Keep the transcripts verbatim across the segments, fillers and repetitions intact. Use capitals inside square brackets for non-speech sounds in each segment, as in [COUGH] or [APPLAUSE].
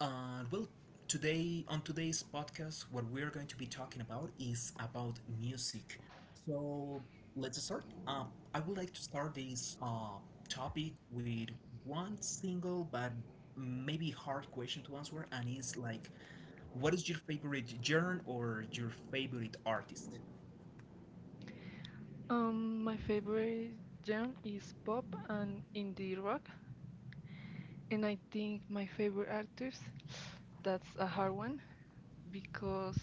And well, today on today's podcast, what we're going to be talking about is about music. So let's start. Um, I would like to start this uh, topic with one single but maybe hard question to answer, and it's like, what is your favorite genre or your favorite artist? Um, my favorite genre is pop and indie rock, and I think my favorite artist, that's a hard one because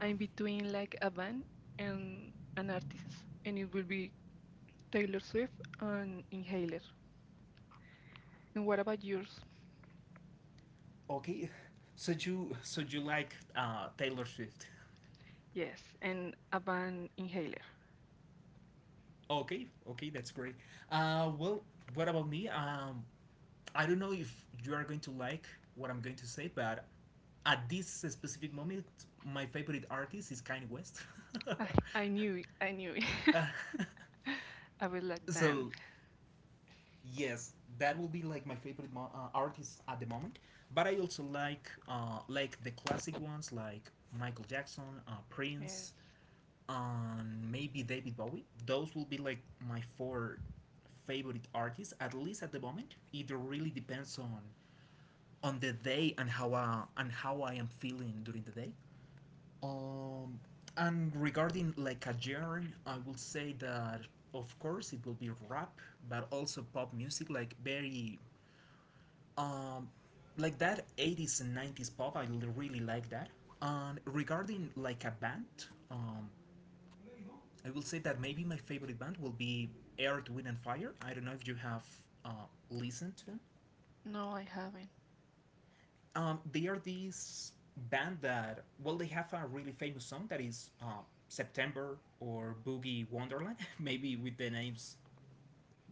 I'm between like a band and an artist, and it will be Taylor Swift and Inhaler. And what about yours? Okay, so you so you like uh, Taylor Swift? Yes, and a band Inhaler. Okay, okay, that's great. Uh, well, what about me? Um, I don't know if you are going to like what I'm going to say, but at this specific moment, my favorite artist is Kanye West. I, [LAUGHS] I knew it, I knew it. Uh, [LAUGHS] I was like, damn. so yes, that will be like my favorite mo- uh, artist at the moment. But I also like uh, like the classic ones like Michael Jackson, uh, Yes. Prince, and maybe David Bowie. Those will be like my four favorite artists, at least at the moment. It really depends on on the day and how uh, and how I am feeling during the day. Um, and regarding like a genre, I will say that of course it will be rap, but also pop music, like very um, like that eighties and nineties pop. I l- really like that. And regarding like a band, um, I will say that maybe my favorite band will be Earth, Wind and Fire. I don't know if you have uh, listened to them. No, I haven't. Um, they are this band that, well, they have a really famous song that is uh, September or Boogie Wonderland. [LAUGHS] Maybe with the names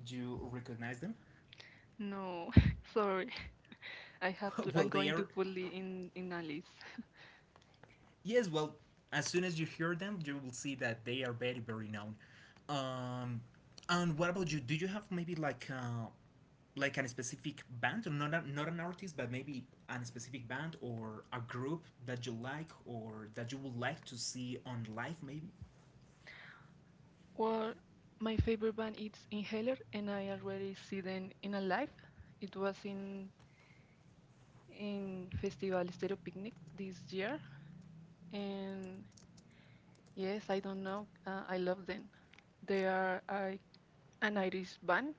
you recognize them. No, [LAUGHS] sorry. I have [LAUGHS] to. well, I'm they going to are put it in in a list. Yes, well, as soon as you hear them, you will see that they are very, very known. Um, and what about you? Do you have maybe like uh, like a specific band, or not a, not an artist, but maybe a specific band or a group that you like or that you would like to see on live, maybe? Well, my favorite band is Inhaler, and I already see them in a live. It was in in Festival Stereo Picnic this year, and yes, I don't know, uh, I love them. They are I, an Irish band,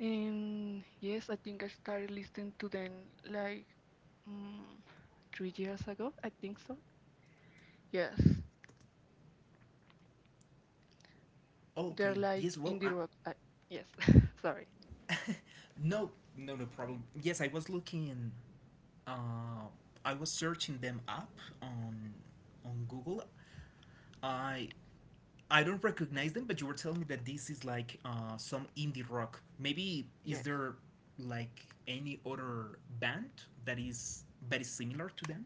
and yes, I think I started listening to them like mm, three years ago. I think so. Yes, Oh, they're okay. like Yes. Well, indie I, rock. I, yes, [LAUGHS] sorry. [LAUGHS] no, no, no problem. Yes, I was looking. Uh, I was searching them up on on Google. I I don't recognize them, but you were telling me that this is like uh, some indie rock. Maybe is Yes. there like any other band that is very similar to them?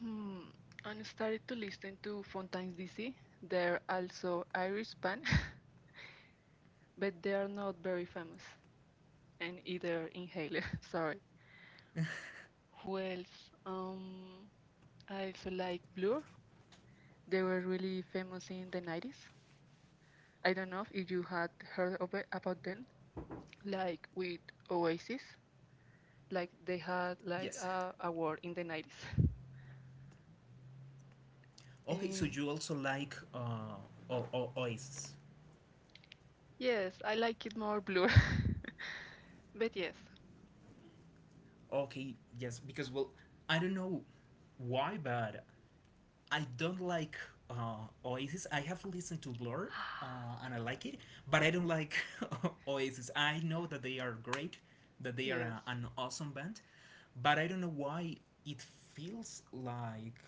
Hmm, and started to listen to Fontaine's D C. They're also Irish band, [LAUGHS] but they are not very famous. And either Inhaler, [LAUGHS] sorry. Who else? Um, I also like Blur. They were really famous in the nineties. I don't know if you had heard of it, about them, like with Oasis. Like they had like Yes. a award in the nineties. [LAUGHS] Okay, so And you also like uh, o- o- Oasis. yes, I like it more Blur. [LAUGHS] but yes, Okay, yes, because well, I don't know why, but I don't like uh, Oasis. I have listened to Blur uh, and I like it, but I don't like [LAUGHS] Oasis. I know that they are great, that [GASPS] they are yes, a, an awesome band, but I don't know why it feels like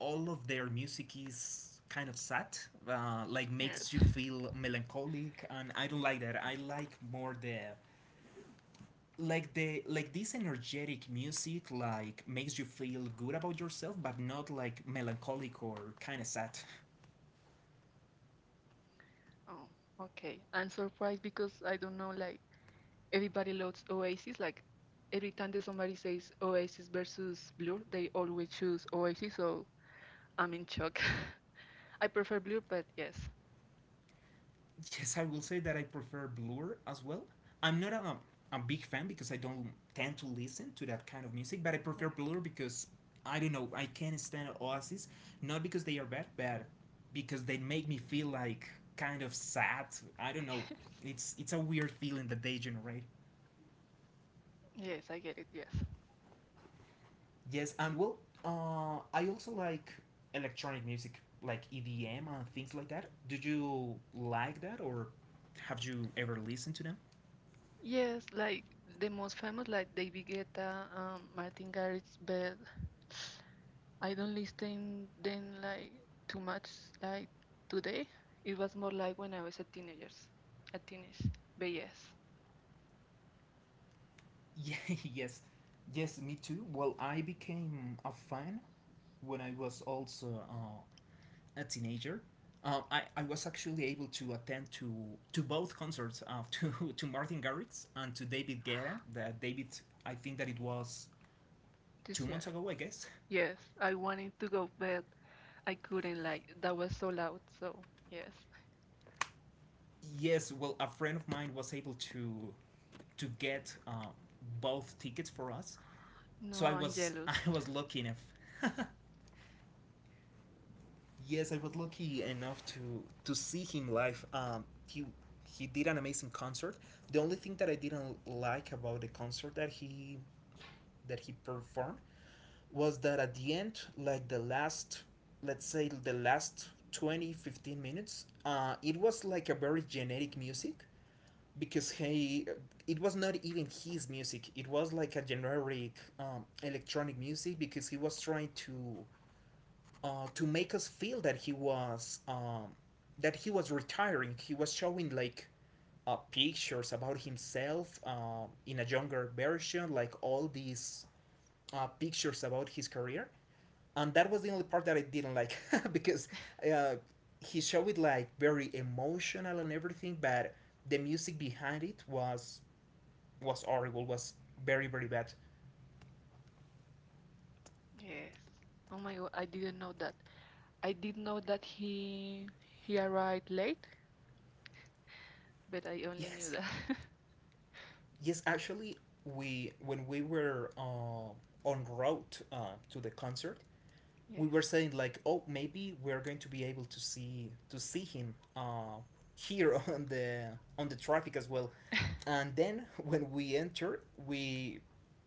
all of their music is kind of sad, uh, like makes you yes. feel melancholic, and I don't like that. I like more the like the like this energetic music, like makes you feel good about yourself but not like melancholic or kind of sad. [LAUGHS] Oh, okay. I'm surprised because I don't know, like, everybody loves Oasis. Like, every time that somebody says Oasis versus Blur, they always choose Oasis, so I'm in shock. [LAUGHS] I prefer Blur, but yes. Yes, I will say that I prefer Blur as well. I'm not a, a big fan because I don't tend to listen to that kind of music, but I prefer Blur because I don't know, I can't stand Oasis, not because they are bad but because they make me feel like kind of sad. I don't know. Yes. [LAUGHS] It's it's a weird feeling that they generate. Yes, I get it, yes. Yes, and well, uh, I also like electronic music, like E D M and things like that. Do you like that, or have you ever listened to them? Yes, like, the most famous, like, David Guetta, um, Martin Garrix, but I don't listen then, like, too much, like, today. It was more like when I was a teenager, a teenage, but yes. Yeah, [LAUGHS] yes, yes, me too. Well, I became a fan when I was also uh, a teenager. Um, I, I was actually able to attend to to both concerts, uh, [LAUGHS] to to Martin Garrix and to David Guetta. That David, I think that it was This two year. months ago, I guess. Yes, I wanted to go, but I couldn't. Like that was so loud. So yes. Yes, well, a friend of mine was able to to get um, both tickets for us. So No, I I'm was jealous. [LAUGHS] I was lucky enough. [LAUGHS] Yes, I was lucky enough to to see him live. Um, he he did an amazing concert. The only thing that I didn't like about the concert, that he that he performed, was that at the end, like the last, let's say the last twenty fifteen minutes, uh, it was like a very generic music because he it was not even his music, it was like a generic um, electronic music because he was trying to uh, to make us feel that he was um, that he was retiring. He was showing like uh, pictures about himself, uh, in a younger version, like all these uh, pictures about his career. And that was the only part that I didn't like [LAUGHS] because uh, he showed it like very emotional and everything, but the music behind it was, was horrible, was very, very bad. Yes. Oh my God, I didn't know that. I did know that he he arrived late, but I only knew Yes. that. [LAUGHS] Yes, actually, we when we were uh, on route uh, to the concert, we were Yes. saying like, oh, maybe we're going to be able to see to see him, uh, here, [LAUGHS] on the on the traffic as well. And then when we entered, we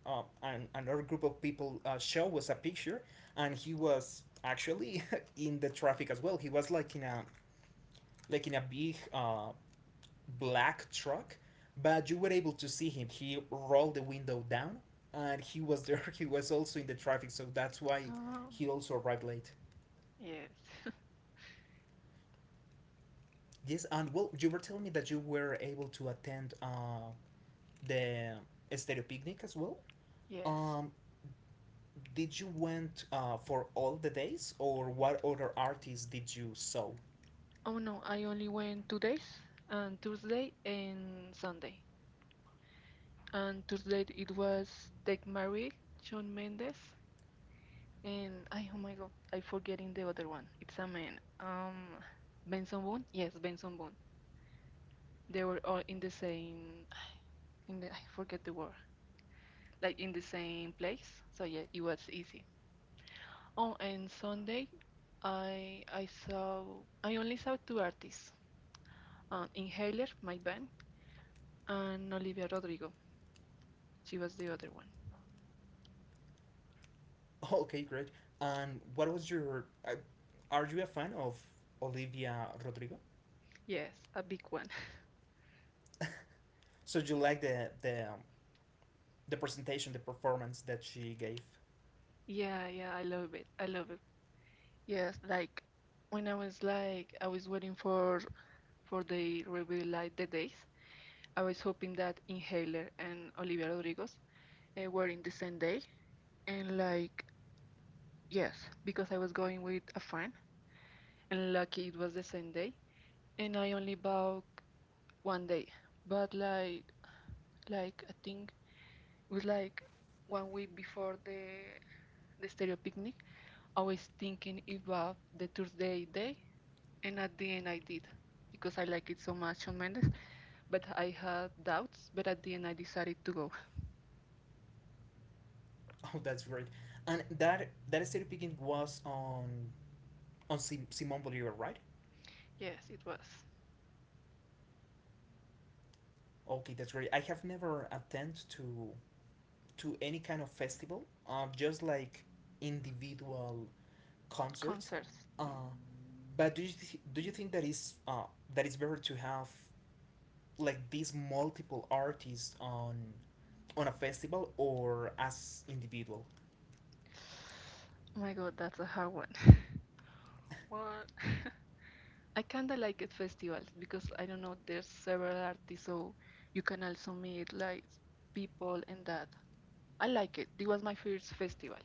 uh, an, another group of people uh, show us a picture, and he was actually [LAUGHS] in the traffic as well. He was like in a like in a big uh, black truck, but you were able to see him. He rolled the window down and he was [LAUGHS] there. He was also in the traffic, so that's why Um. he also arrived late. Yes. [LAUGHS] Yes, and well, you were telling me that you were able to attend uh, the Stereo Picnic as well. Yes. Um, did you went uh, for all the days, or what other artists did you saw? Oh no, I only went two days, and Tuesday and Sunday. And Tuesday it was Tech Marie, Shawn Mendes, and I, oh my god, I forgetting the other one. It's a man. Um, Benson Boone. Yes, Benson Boone. They were all in the same. In the I forget the word. Like in the same place. So yeah, it was easy. Oh, and Sunday, I I saw I only saw two artists. Uh, Inhaler, my band, and Olivia Rodrigo. She was the other one. [LAUGHS] Okay, great. And what was your? Uh, are you a fan of Olivia Rodrigo? Yes, a big one. So you like the the um, the presentation, the performance that she gave. [LAUGHS] [LAUGHS] yeah, yeah, I love it. I love it. Yes, like when I was like I was waiting for for the reveal like the days, I was hoping that Inhaler and Olivia Rodrigo uh, were in the same day, and like yes, because I was going with a friend, and lucky it was the same day, and I only bought one day, but like like I think it was like one week before the the stereo picnic, I was thinking about the Thursday day. And at the end, I did because I like it so much on Mendes. But I had doubts. But at the end, I decided to go. Oh, that's great! And that that Stereo Picking was on on Sim- Simon Bolivar, right? Yes, it was Okay, that's great. I have never attended to to any kind of festival, uh, just like individual concerts. concerts. Hmm. Uh, but do you th- do you think that is uh, that it's better to have like these multiple artists on on a festival or as individual? Oh my god, that's a hard one. [LAUGHS] What? [LAUGHS] I kinda like it festivals because I don't know there's several artists, so you can also meet like people and that. I like it. It was my first festival,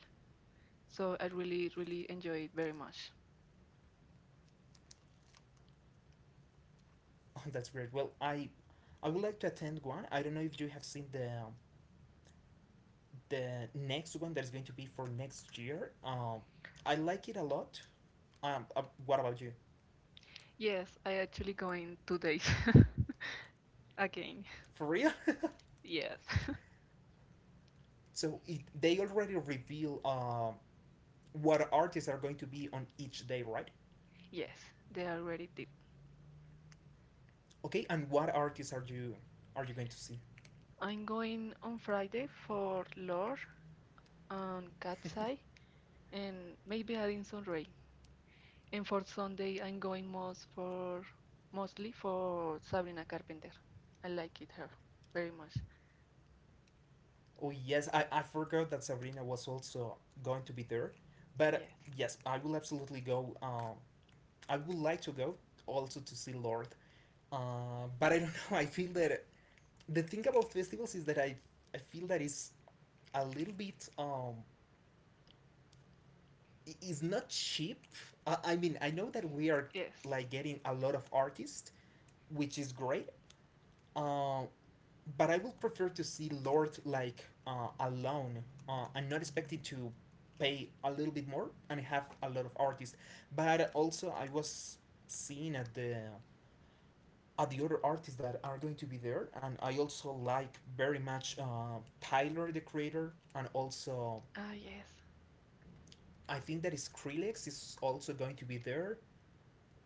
so I really really enjoy it very much. Oh, that's great. Well, I I would like to attend one. I don't know if you have seen the the next one that is going to be for next year. Um, I like it a lot. Um, uh, what about you? Yes, I actually going two days [LAUGHS] again. For real? [LAUGHS] Yes. so it, they already reveal uh, what artists are going to be on each day, right? Yes, they already did. Okay, and what artists are you are you going to see? I'm going on Friday for Lore and Cat's [LAUGHS] Eye and maybe adding some Ray. And for Sunday, I'm going most for mostly for Sabrina Carpenter. I like it her very much. Oh yes, I, I forgot that Sabrina was also going to be there, but Yes, yes, I will absolutely go. Um, I would like to go also to see Lord, uh, but I don't [LAUGHS] know. I feel that the thing about festivals is that I I feel that it's a little bit um i- it's not cheap. I, I mean, I know that we are yes, like getting a lot of artists, which is great. Um, but I would prefer to see Lord like uh, alone. Uh, I'm not expecting to pay a little bit more and have a lot of artists. But also I was seeing at the at the other artists that are going to be there, and I also like very much uh, Tyler, the Creator, and also ah, yes, I think that is Skrillex is also going to be there.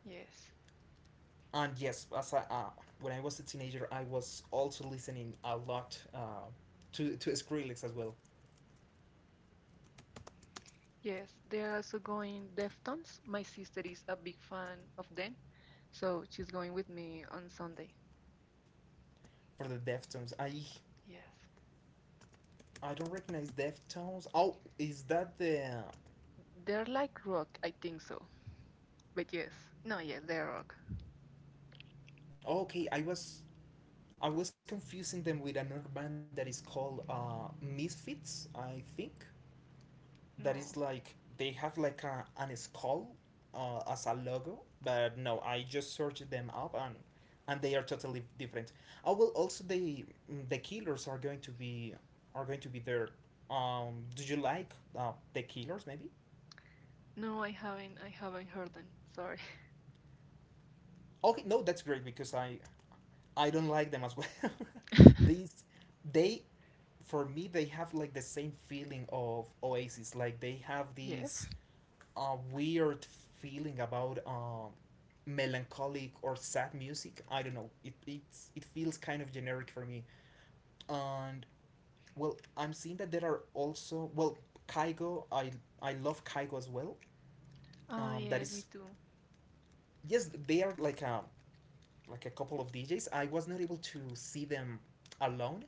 yes, And yes, as I, uh, when I was a teenager, I was also listening a lot, uh, to, to Skrillex as well. yes. They're also going Deftones. My sister is a big fan of them, so she's going with me on Sunday. For the Deftones, i Yes, i don't recognize Deftones. Oh, is that the— they're like rock. I think so. But yes, no, yes, they're rock. Oh, okay, i was i was confusing them with another band that is called uh, Misfits, I think, that is No, like— they have like a an skull, uh, as a logo, but no, I just searched them up and and they are totally different. Oh, well, also the mm, the Killers are going to be are going to be there. Um, do you like uh, the Killers? Maybe. no, I haven't. I haven't heard them. Sorry. Okay, no, that's great because I I don't like them as well. [LAUGHS] [LAUGHS] These they For me, they have like the same feeling of Oasis. Like they have Yes. this a weird feeling about um, melancholic or sad music. I don't know. It it's, it feels kind of generic for me. And well, I'm seeing that there are also, well, Kaigo. I I love Kaigo as well. Oh, Um, that yes, me is too. Yes, they are like a like a couple of D Js. I was not able to see them alone.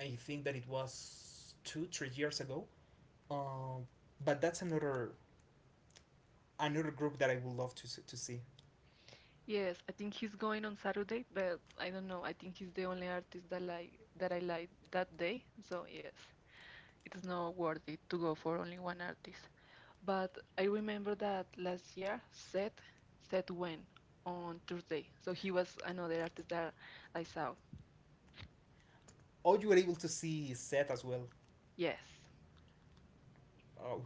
I think that it was two three years ago. Um, but that's another another group that I would love to s- to see. Yes, I think he's going on Saturday, but I don't know. I think he's the only artist that like that I like that day. So yes, it's not worth it to go for only one artist. But I remember that last year, Seth, Seth went on Thursday. So he was another artist that I saw. Oh, you were able to see Seth as well. Yes. Oh,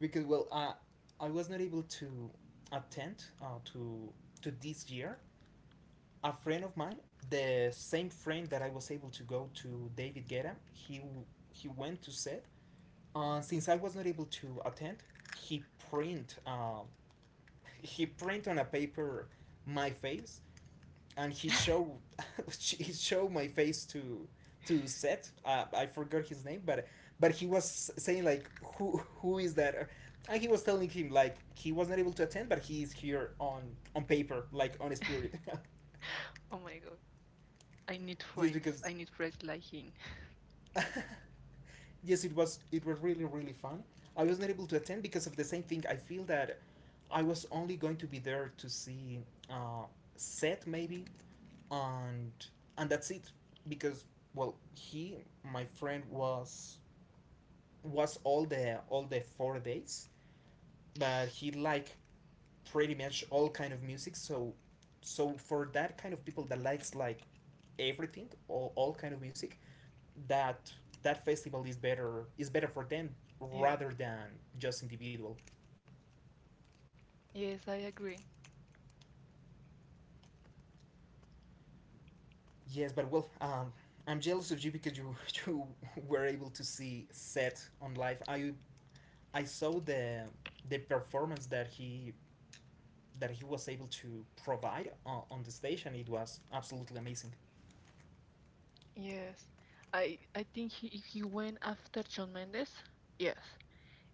because, well, uh, I was not able to attend, uh, to to this year. A friend of mine, the same friend that I was able to go to David Guetta, he w- he went to set. Uh, since I was not able to attend, he print uh, he print on a paper my face, and he [LAUGHS] showed [LAUGHS] he showed my face to to Seth. Uh, I forgot his name, but but he was saying like who who is that? And he was telling him like he was not able to attend, but he is here on on paper, like on spirit, Oh my God. I need [LAUGHS] just friends. because. I need friends like him. [LAUGHS] yes, it was it was really really fun. I was not able to attend because of the same thing. I feel that I was only going to be there to see uh, Seth maybe, and and that's it, because well, he my friend was was all the all the four days, but he like pretty much all kind of music, so so for that kind of people that likes like everything, all, all kind of music, that that festival is better is better for them, Yes. rather than just individual. Yes, I agree. Yes, but well, um I'm jealous of you because you [LAUGHS] you were able to see set on live. I I saw the the performance that he that he was able to provide on, on the stage, and it was absolutely amazing. Yes, I I think he he went after John Mendes. Yes,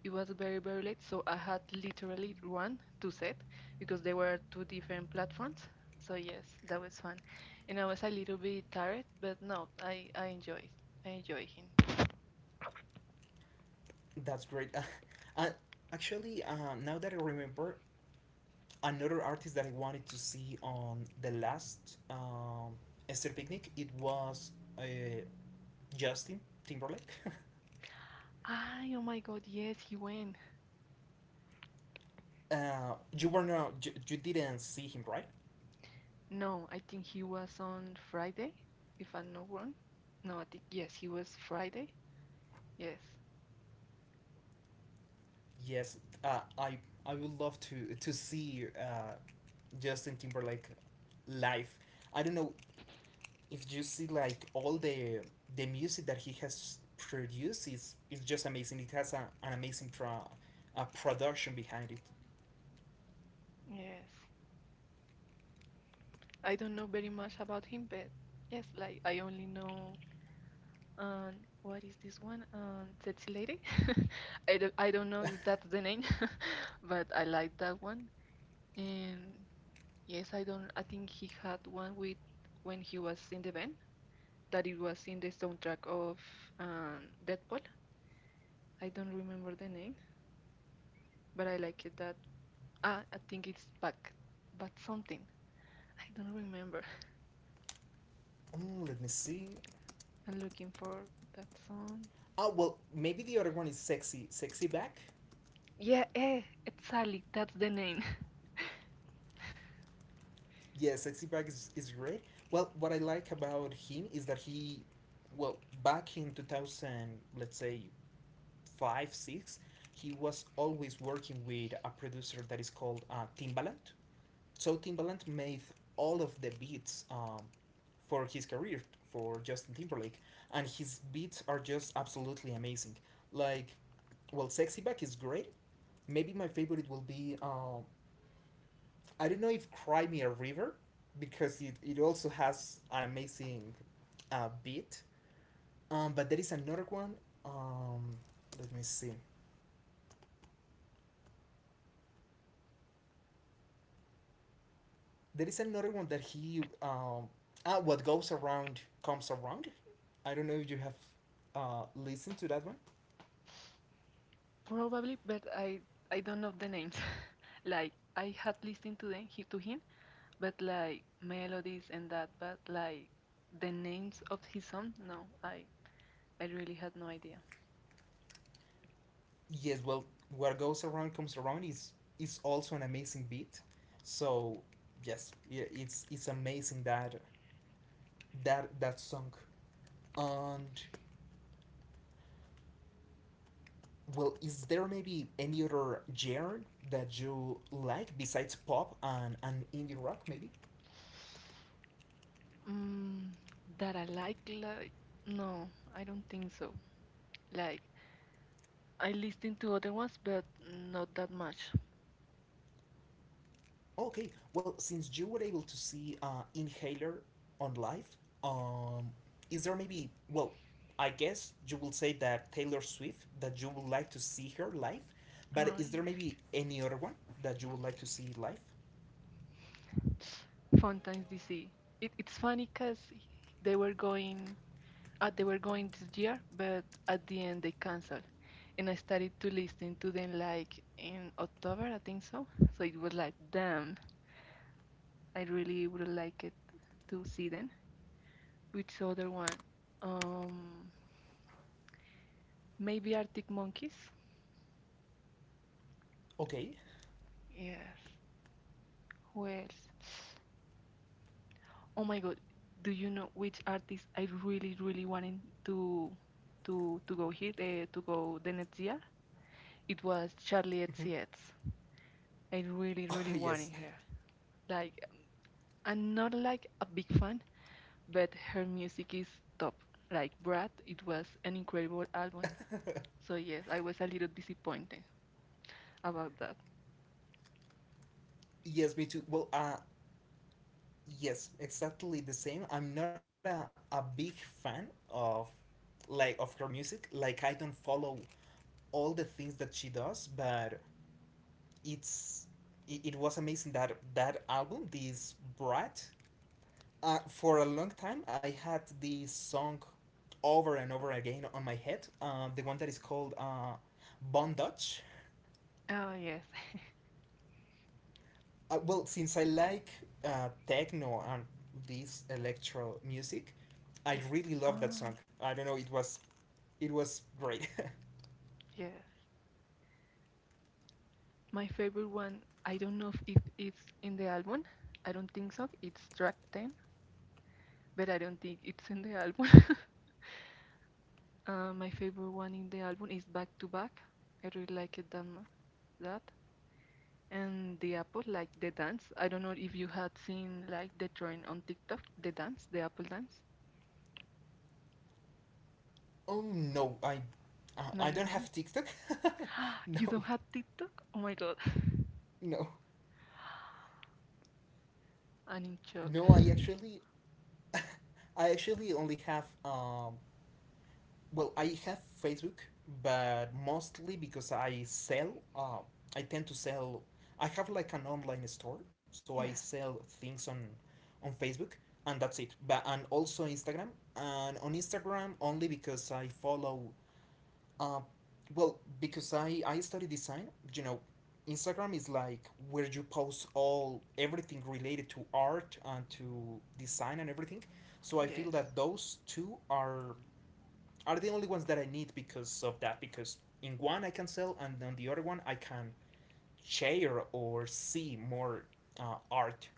it was very very late, so I had literally one to set because they were two different platforms. So yes, that was fun, and I was a little bit tired, but no, I I enjoyed I enjoy him. That's great. [LAUGHS] Uh, uh, actually, uh, now that I remember, another artist that I wanted to see on the last um, Esther Picnic, it was uh, Justin Timberlake. Ah, oh my God, yes, he went. [LAUGHS] uh, you were not, you, you didn't see him, right? No, I think he was on Friday, if I'm not wrong. No, I think yes, he was Friday. Yes, Yes, uh, I I would love to to see uh, Justin Timberlake live. I don't know if you see, like, all the the music that he has produced is is just amazing. It has a, an amazing pro, a production behind it. yes. I don't know very much about him, but yes, like I only know um what is this one? Um Tsetse Lady. [LAUGHS] I don't, I don't know if that's the name, [LAUGHS] but I like that one. And yes, I don't I think he had one with when he was in the band that it was in the soundtrack of um Deadpool. I don't remember the name, but I like it that ah, I think it's Back but something. I don't remember. Mm, let me see. [LAUGHS] I'm looking for that song. Oh well, maybe the other one is sexy, sexy back. Yeah, eh, exactly. That's the name. Yeah, sexy back is, is great. Well, what I like about him is that he, well, back in two thousand, let's say five six, he was always working with a producer that is called uh, Timbaland, so Timbaland made all of the beats um, for his career, for Justin Timberlake, and his beats are just absolutely amazing. Like, well, Sexy Back is great. Maybe my favorite will be uh, I don't know, if Cry Me a River, because it, it also has an amazing uh, beat. Um, but there is another one. Um, Let me see. There is another one that he um ah what goes around comes around. I don't know if you have uh listened to that one. Probably, but I I don't know the names. [LAUGHS] like I had listened to them he, to him, but like melodies and that, but like the names of his song, no, I I really had no idea. Yes, well, what goes around comes around is is also an amazing beat. So yes, yeah, it's it's amazing, that that that song. And well, is there maybe any other genre that you like besides pop and and indie rock maybe? Mm, that I like, like no, I don't think so. Like I listened to other ones, but not that much. Okay, well, since you were able to see uh, Inhaler on live, um, is there maybe, well, I guess you will say that Taylor Swift, that you would like to see her live, but Uh, is there yeah. maybe any other one that you would like to see live? Fontaine's D C. It, it's funny because they were going, uh, they were going this year, but at the end they canceled. And I started to listen to them like in October, I think so. So it was like, damn, I really would like it to see them. Which other one? Um, maybe Arctic Monkeys. Okay. Yes. Who else? Oh my God, do you know which artist I really, really wanted to to to go here uh, to go the next year? It was Charlie Mhm. [LAUGHS] X C X. I really, Oh, really wanted yes. her. Like, I'm not like a big fan, but her music is top. Like Brad, it was an incredible album. [LAUGHS] So yes, I was a little disappointed about that. yes, me too. Well, uh, yes, exactly the same. I'm not a, a big fan of, like, of her music. Like, I don't follow all the things that she does, but it's it, it was amazing that that album, this brat. Uh, for a long time, I had this song over and over again on my head. Uh, the one that is called uh, bon dutch. Oh yes, Uh, well since I like uh, techno and this electro music, [LAUGHS] I yes. really love that Oh song. I don't know, it was it was great. yes. My favorite one. I don't know if it- it's in the album. I don't think so. It's track ten, but I don't think it's in the album. [LAUGHS] uh, my favorite one in the album is Back to Back. I really like it that mu- that. And the apple, like the dance. I don't know if you had seen like the trend on TikTok, the dance, the apple dance. [LAUGHS] oh no, i uh, No, i you don't haven't. have TikTok. [LAUGHS] You No, don't have TikTok? Oh my god. no, [LAUGHS] I'm in shock. no, I actually [LAUGHS] I actually only have um well, I have Facebook, but mostly because I sell, uh, I tend to sell, I have like an online store, so I Yeah, sell things on on Facebook, and that's it. But And also Instagram, and on Instagram, only because I follow, uh, well, because I I study design, you know, Instagram is like where you post all everything related to art and to design and everything. So I feel yes. that those two are are the only ones that I need because of that. Because in one I can sell, and on the other one I can share or see more uh, art.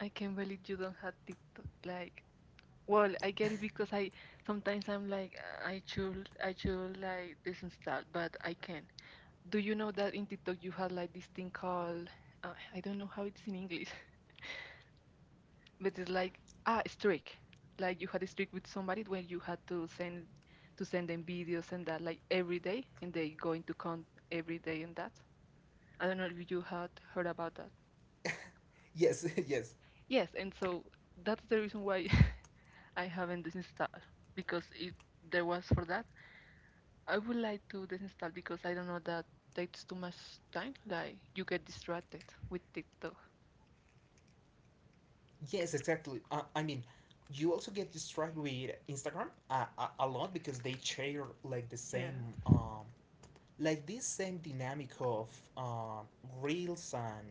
I can't believe you don't have TikTok. Like, well, I get it because I sometimes I'm like, "Uh, I should, I should like disinstall, but I can't. Do you know that in TikTok you have like this thing called, uh, I don't know how it's in English, [LAUGHS] but it's like ah streak. Like you had a streak with somebody where you had to send to send them videos and that like every day, and they go into count every day and that. I don't know if you had heard about that. Yes, [LAUGHS] yes. Yes, and so that's the reason why [LAUGHS] I haven't disinstalled because if there was for that, I would like to disinstall because I don't know that takes too much time. Like you get distracted with TikTok. Yes, exactly. Uh, I mean, you also get distracted with Instagram uh, a, a lot because they share like the Yeah. same, um, like, this same dynamic of uh, reels, and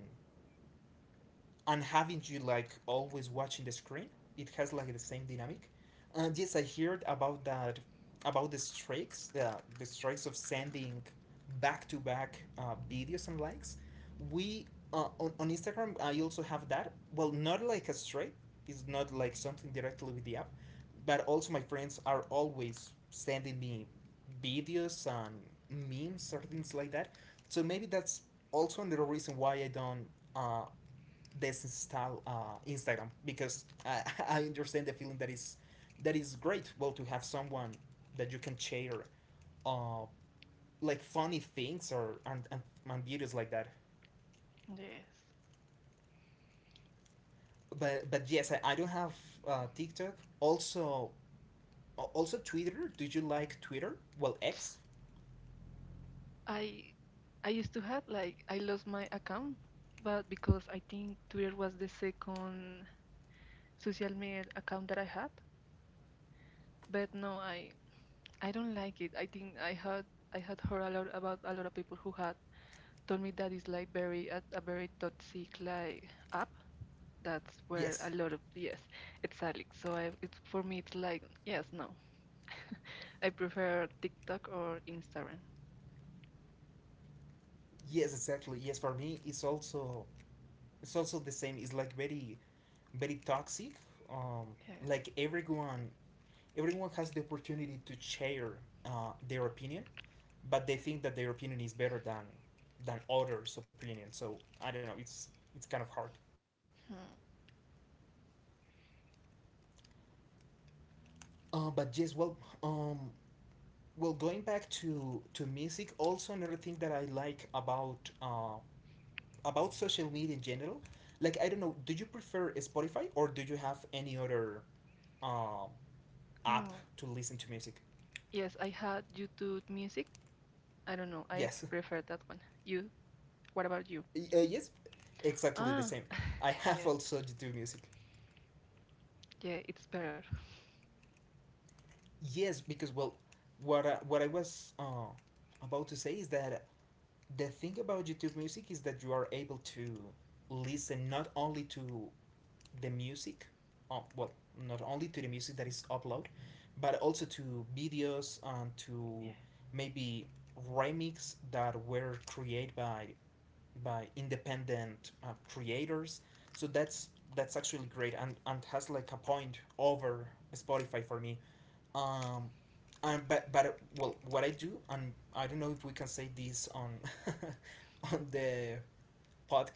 and having you, like, always watching the screen. It has like the same dynamic. And yes, I heard about that, about the strikes, the, the strikes of sending back to back videos and likes. we uh, on, on Instagram, I also have that. Well, not like a strike, it's not like something directly with the app, but also my friends are always sending me videos and memes or things like that, so maybe that's also another reason why I don't uh, disinstall uh, Instagram, because I, [LAUGHS] I understand the feeling, that is that is great. Well, to have someone that you can share uh, like, funny things, or and, and, and videos like that. Yes. But but yes, I, I don't have uh, TikTok. Also also Twitter. Did you like Twitter? Well, X. I I used to have like I lost my account, but because I think Twitter was the second social media account that I had. But no, I I don't like it. I think I had I had heard a lot about a lot of people who had told me that it's like very a, a very toxic like app. That's where a Yes. lot of yes, it's Alex. So I, it's for me, it's like yes, no. I prefer TikTok or Instagram. Yes, exactly. Yes, for me, it's also it's also the same. It's like very very toxic. Um, Yes, like, everyone everyone has the opportunity to share uh, their opinion, but they yes. think that their opinion is better than than others' opinion. So I don't know. It's it's kind of hard. Hmm. Uh, but yes, well, um, well, going back to to music, also another thing that I like about uh, about social media in general, like, I don't know, do you prefer Spotify, or do you have any other um, app No. to listen to music? Yes, I had YouTube Music. I don't know. I Yes, prefer that one. You? What about you? [LAUGHS] uh, yes, exactly the Ah, same. [LAUGHS] I have yes. also YouTube Music. Yeah, it's better. Yes, because well, what I, what I was uh, about to say is that the thing about YouTube Music is that you are able to listen not only to the music, uh, well, not only to the music that is uploaded, but also to videos and Yeah. to maybe remix that were created by by independent uh, creators. So that's that's actually great, and, and has like a point over Spotify for me. um and but but well, what I do, and I don't know if we can say this on [LAUGHS] on the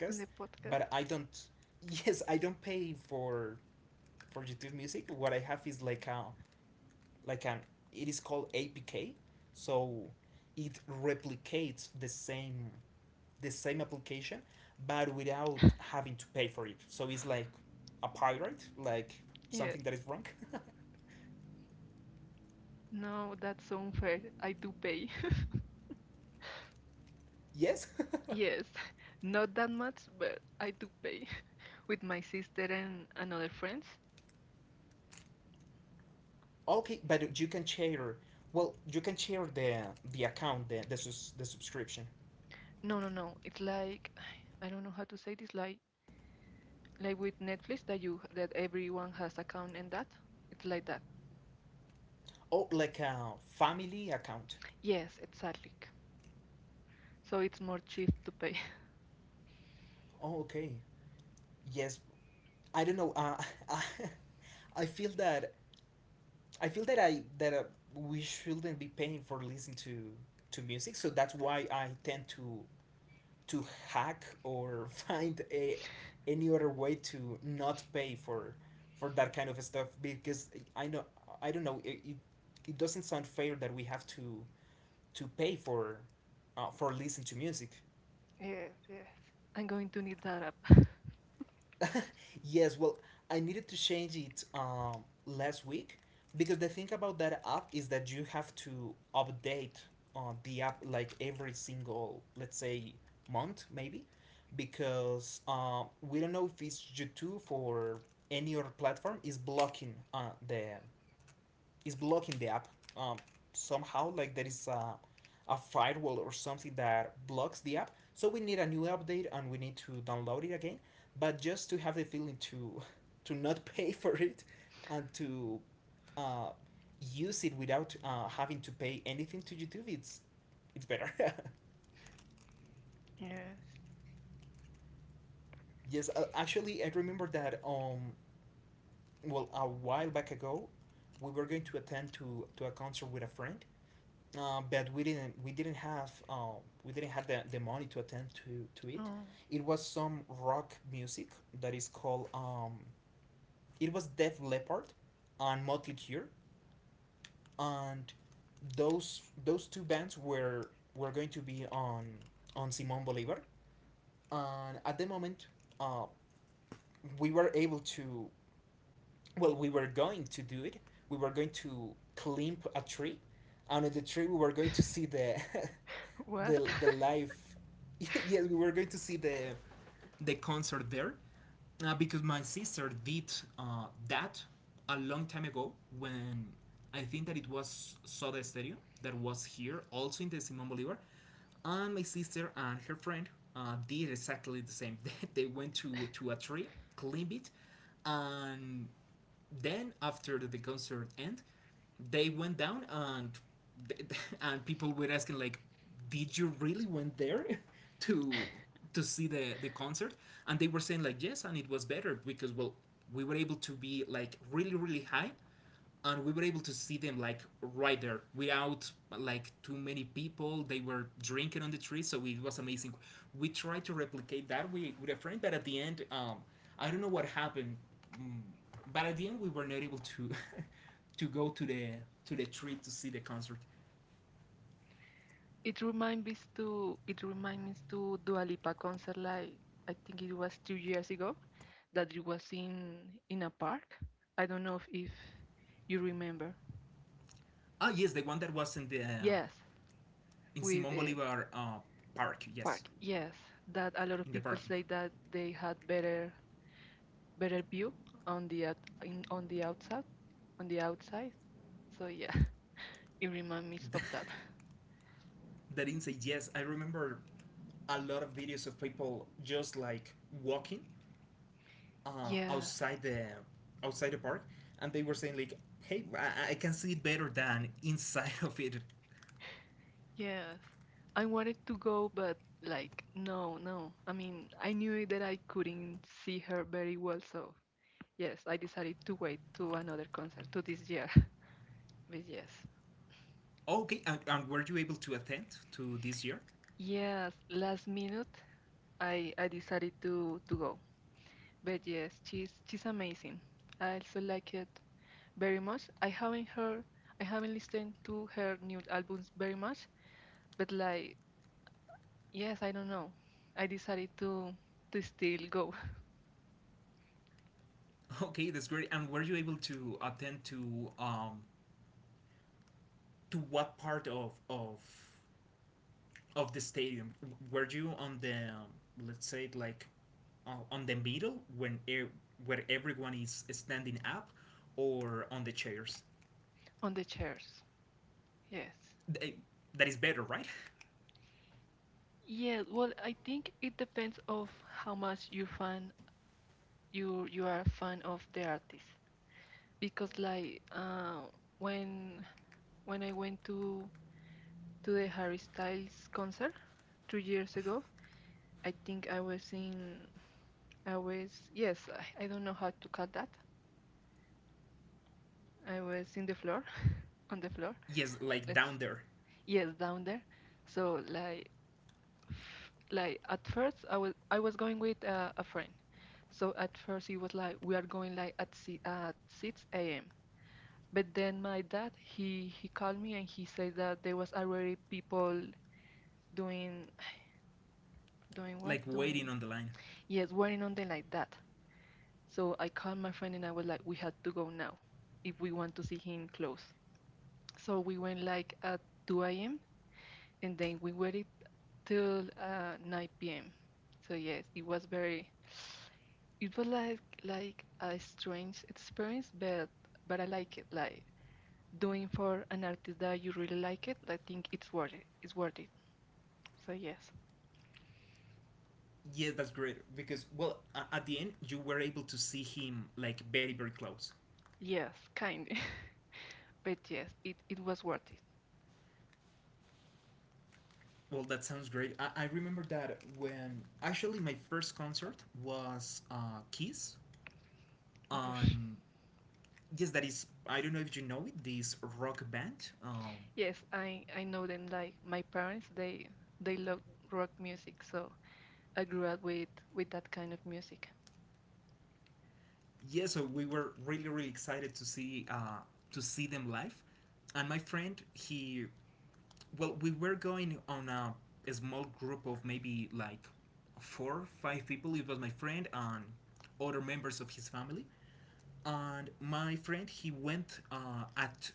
On the podcast? but I don't [LAUGHS] yes, I don't pay for for YouTube Music. What I have is like a like an, it is called APK, so it replicates the same the same application, but without having to pay for it, so it's like a pirate, like Yeah. something that is wrong. [LAUGHS] No, that's unfair. I do pay. [LAUGHS] yes. [LAUGHS] Yes. [LAUGHS] Not that much, but I do pay. With my sister and, another friends. Okay, but you can share. Well, you can share the the account, the the, sus, the subscription. No, no, no. It's like [SIGHS] I don't know how to say this. Like like with Netflix that you that everyone has account and that. It's like that. Oh, like a family account. Yes, exactly. So it's more cheap to pay. [LAUGHS] Oh, okay. Yes, I don't know. Uh, [LAUGHS] I feel that I feel that I that uh, we shouldn't be paying for listening to to music. So that's why I tend to to hack or [LAUGHS] find a any other way to not pay for for that kind of stuff, because I know I don't know, it, it, it doesn't sound fair that we have to to pay for uh, for listening to music. Yes, yes, I'm going to need that app. [LAUGHS] [LAUGHS] yes, well, I needed to change it, um, last week, because the thing about that app is that you have to update uh, the app like every single, let's say, month maybe, because uh, we don't know if it's YouTube or any other platform, is blocking uh, the is blocking the app, um, somehow. Like, there is a, a firewall or something that blocks the app, so we need a new update, and we need to download it again, but just to have the feeling to [LAUGHS] to not pay [LAUGHS] for it, and to uh, use it without uh, having to pay anything to YouTube. It's it's better. Yes. [LAUGHS] yes, uh, actually, I remember that, um well, a while back ago, we were going to attend to to a concert with a friend, uh, but we didn't we didn't have um, we didn't have the, the money to attend to to it. Oh, It was some rock music that is called, um, it was Def Leppard and Motley Crue, and those those two bands were were going to be on on Simon Bolivar, and at the moment, uh, we were able to well, we were going to do it. We were going to climb a tree, and on the tree we were going to see the, [LAUGHS] what? the the live. [LAUGHS] Yes, we were going to see the, the concert there, uh, because my sister did uh, that a long time ago when I think that it was Soda Stereo that was here also in the Simon Bolivar, and my sister and her friend uh, did exactly the same. [LAUGHS] They went to to a tree, climbed it, and then after the concert end, they went down and [LAUGHS] and people were asking like, "Did you really went there [LAUGHS] to to see the the concert?" And they were saying like, "Yes," and it was better because well, we were able to be like really really high and we were able to see them like right there without like too many people, they were drinking on the tree, so it was amazing. We tried to replicate that with, with a friend, but at the end um, I don't know what happened. mm, but at the end we were not able to [LAUGHS] to go to the to the tree to see the concert. [LAUGHS] it reminds me to it reminds me to Dua Lipa concert, like I think it was two years ago, that it was in in a park. I don't know if, if you remember. Ah, yes, the one that was in the uh, Yes, in with Simon a Bolivar, uh, park. park. Yes, Yes, that a lot of in the people parking. say that they had better better view on the out, in, on the outside on the outside. So yeah, [LAUGHS] it reminds me of [LAUGHS] that. That inside. Yes, I remember a lot of videos of people just like walking, uh, Yes, outside the outside the park, and they were saying like, "Hey, I, I can see it better than inside of it." yes. I wanted to go, but like no, no. I mean, I knew that I couldn't see her very well, so yes, I decided to wait to another concert to this year. [LAUGHS] But yes, Okay, and, and were you able to attend to this year? yes. Last minute, I I decided to to go. But yes, she's she's amazing. I also like it very much. I haven't heard I haven't listened to her new albums very much, but like yes, I don't know. I decided to to still go. [LAUGHS] Okay, that's great. And were you able to attend to um to what part of of of the stadium? Were you on the um, let's say it like uh, on the middle when e- where everyone is standing up, or on the chairs? [LAUGHS] On the chairs. Yes. They, that is better, right? [LAUGHS] Yes, well, I think it depends of how much you fan you you are a fan of the artist, because like uh, when when I went to to the Harry Styles concert two years ago, I think I was in I was, yes, I, I don't know how to call that. I was in the floor, [LAUGHS] on the floor. Yes, like Let's down there. yes, down there. So like f- like at first I was I was going with uh, a friend. So at first he was like, we are going like at si- at six a m. But then my dad he he called me and he said that there was already people doing doing what Like doing waiting on the line. yes, wearing on them like that. So I called my friend and I was like, we had to go now if we want to see him close. So we went like at two a m, and then we waited till uh, nine p m. So yes, it was very, it was like like a strange experience, but but I like it. Like doing for an artist that you really like it, I think it's worth it. It's worth it. So yes, Yes, that's great because well, a- at the end you were able to see him like very very close. yes, kind, [LAUGHS] but yes, it it was worth it. Well, that sounds great. I, I remember that when actually my first concert was uh, Kiss Whoosh. on, yes, that is, I don't know if you know it, this rock band. Um, Yes, I I know them. Like my parents, they they love rock music, so I grew up with with that kind of music. Yeah, so we were really really excited to see uh, to see them live, and my friend he, well, we were going on a, a small group of maybe like four, five people. It was my friend and other members of his family. And my friend, he went uh, at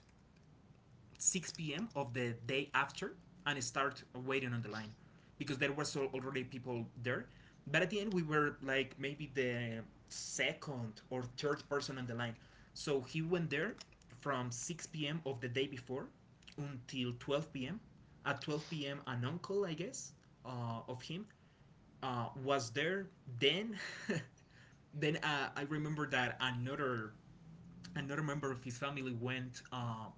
six p m of the day after and start waiting on the line because there was al- already people there. But at the end, we were like maybe the second or third person on the line. So he went there from six p m of the day before until twelve p m. At twelve p m, an uncle, I guess, uh, of him uh, was there. Then, [LAUGHS] then uh, I remember that another another member of his family went uh,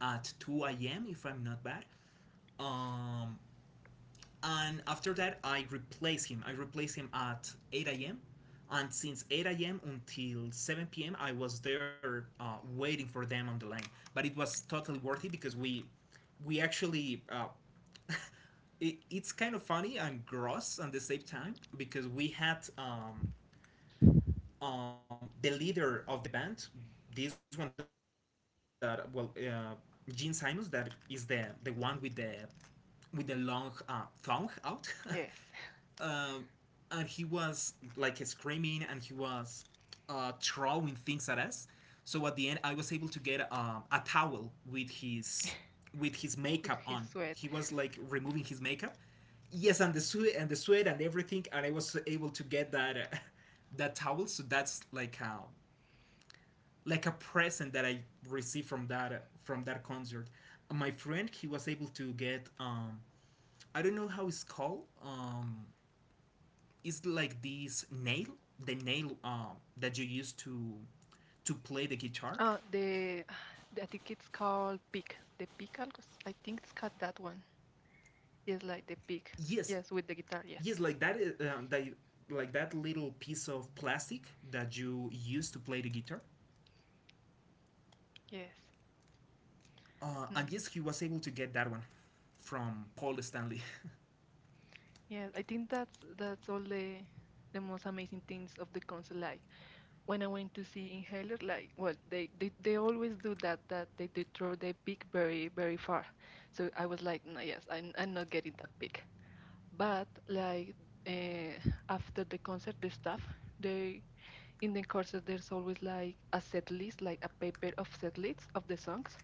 at two a m if I'm not bad. Um, and after that, I replace him. I replace him at eight a m. And since eight a m until seven p m, I was there uh, waiting for them on the line. But it was totally worth it because we we actually uh, it, it's kind of funny and gross at the same time because we had um, um, the leader of the band, this one that, well, uh, Gene Simons, that is the the one with the with the long uh, tongue out, [LAUGHS] um, Yes. and he was like screaming and he was uh, throwing things at us. So at the end, I was able to get um, a towel with his with his makeup on. With his He was sweat. like removing his makeup. Yes, and the sweat and the sweat and everything, and I was able to get that uh, [LAUGHS] that towel. So that's like a like a present that I received from that uh, from that concert. My friend, he was able to get um, I don't know how it's called. Um, it's like this nail, the nail um, that you use to to play the guitar. Uh, the I think it's called Peak. The Peak, algo s- I think it's called that one. Yes, like the Peak. Yes, Yes, with the guitar. Yes, yes, like that. Is- Um, that like that little piece of plastic that you use to play the guitar. yes. Uh, No, And no. yes, he was able to get that one from Paul Stanley. Yes. I think that's that's all the the most amazing things of the concert. Like when I went to see Inhaler, like well, they they, they always do that that they, they throw the pick very very far. So I was like, no, yes, I'm I'm not getting that pick. But like uh, after the concert, the staff they in the courses there's always like a set list, like a paper of set lists of the songs,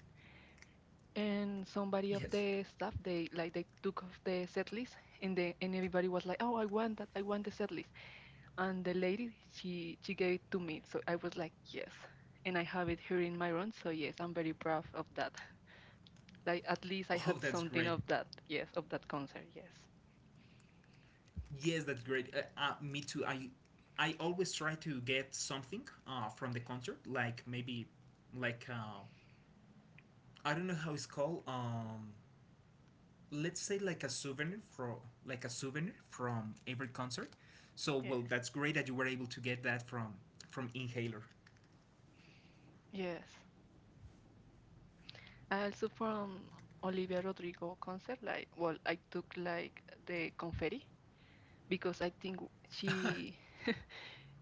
and somebody of [LAUGHS] Yes. the staff, they like they took off the set list, and then and everybody was like, oh, I want that, I want the set list. And the lady, she she gave it to me, so I was like yes. And I have it here in my room, so yes, I'm very proud of that. Like at least I Oh, had that's something great. of that, yes, of that concert. Yes. Yes, that's great. Uh, uh, me too. I I always try to get something uh, from the concert, like maybe like uh, I don't know how it's called. Um, let's say like a souvenir for like a souvenir from every concert. So well, Yes. that's great that you were able to get that from from Inhaler. [LAUGHS] Yes. I also from Olivia Rodrigo concert, like well, I took like the confetti, because I think she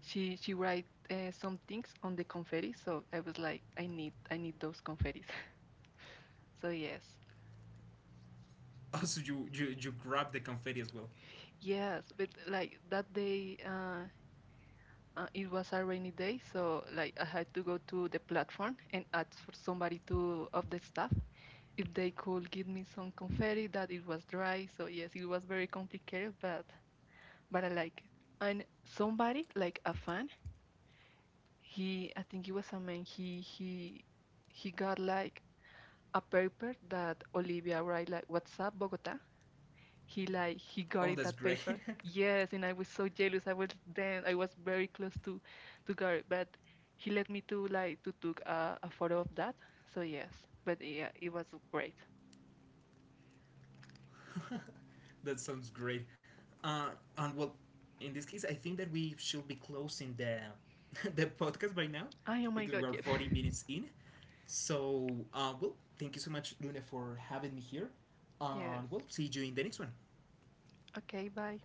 she she write uh, some things on the confetti, so I was like, I need I need those confettis. [LAUGHS] So yes, Also, you you you grab the confetti as well. yes, but like that day, uh, uh, it was a rainy day, so like I had to go to the platform and ask for somebody to of the staff if they could give me some confetti that it was dry. So yes, it was very complicated, but but I like it. And somebody like a fan, he I think it was a man. He he he got like a paper that Olivia write like, what's up Bogota. He like he got Oh, it that's that great. paper. Yes, and I was so jealous. I was then I was very close to to got it, but he let me to like to took a, a photo of that. So yes, but yeah, it was great. [LAUGHS] That sounds great. Uh, and well, in this case, I think that we should be closing the [LAUGHS] the podcast by now Ay, oh my because God, we are yes, forty minutes in. So uh, well, thank you so much, Luna, for having me here. [LAUGHS] yes. And we'll see you in the next one. Okay, bye.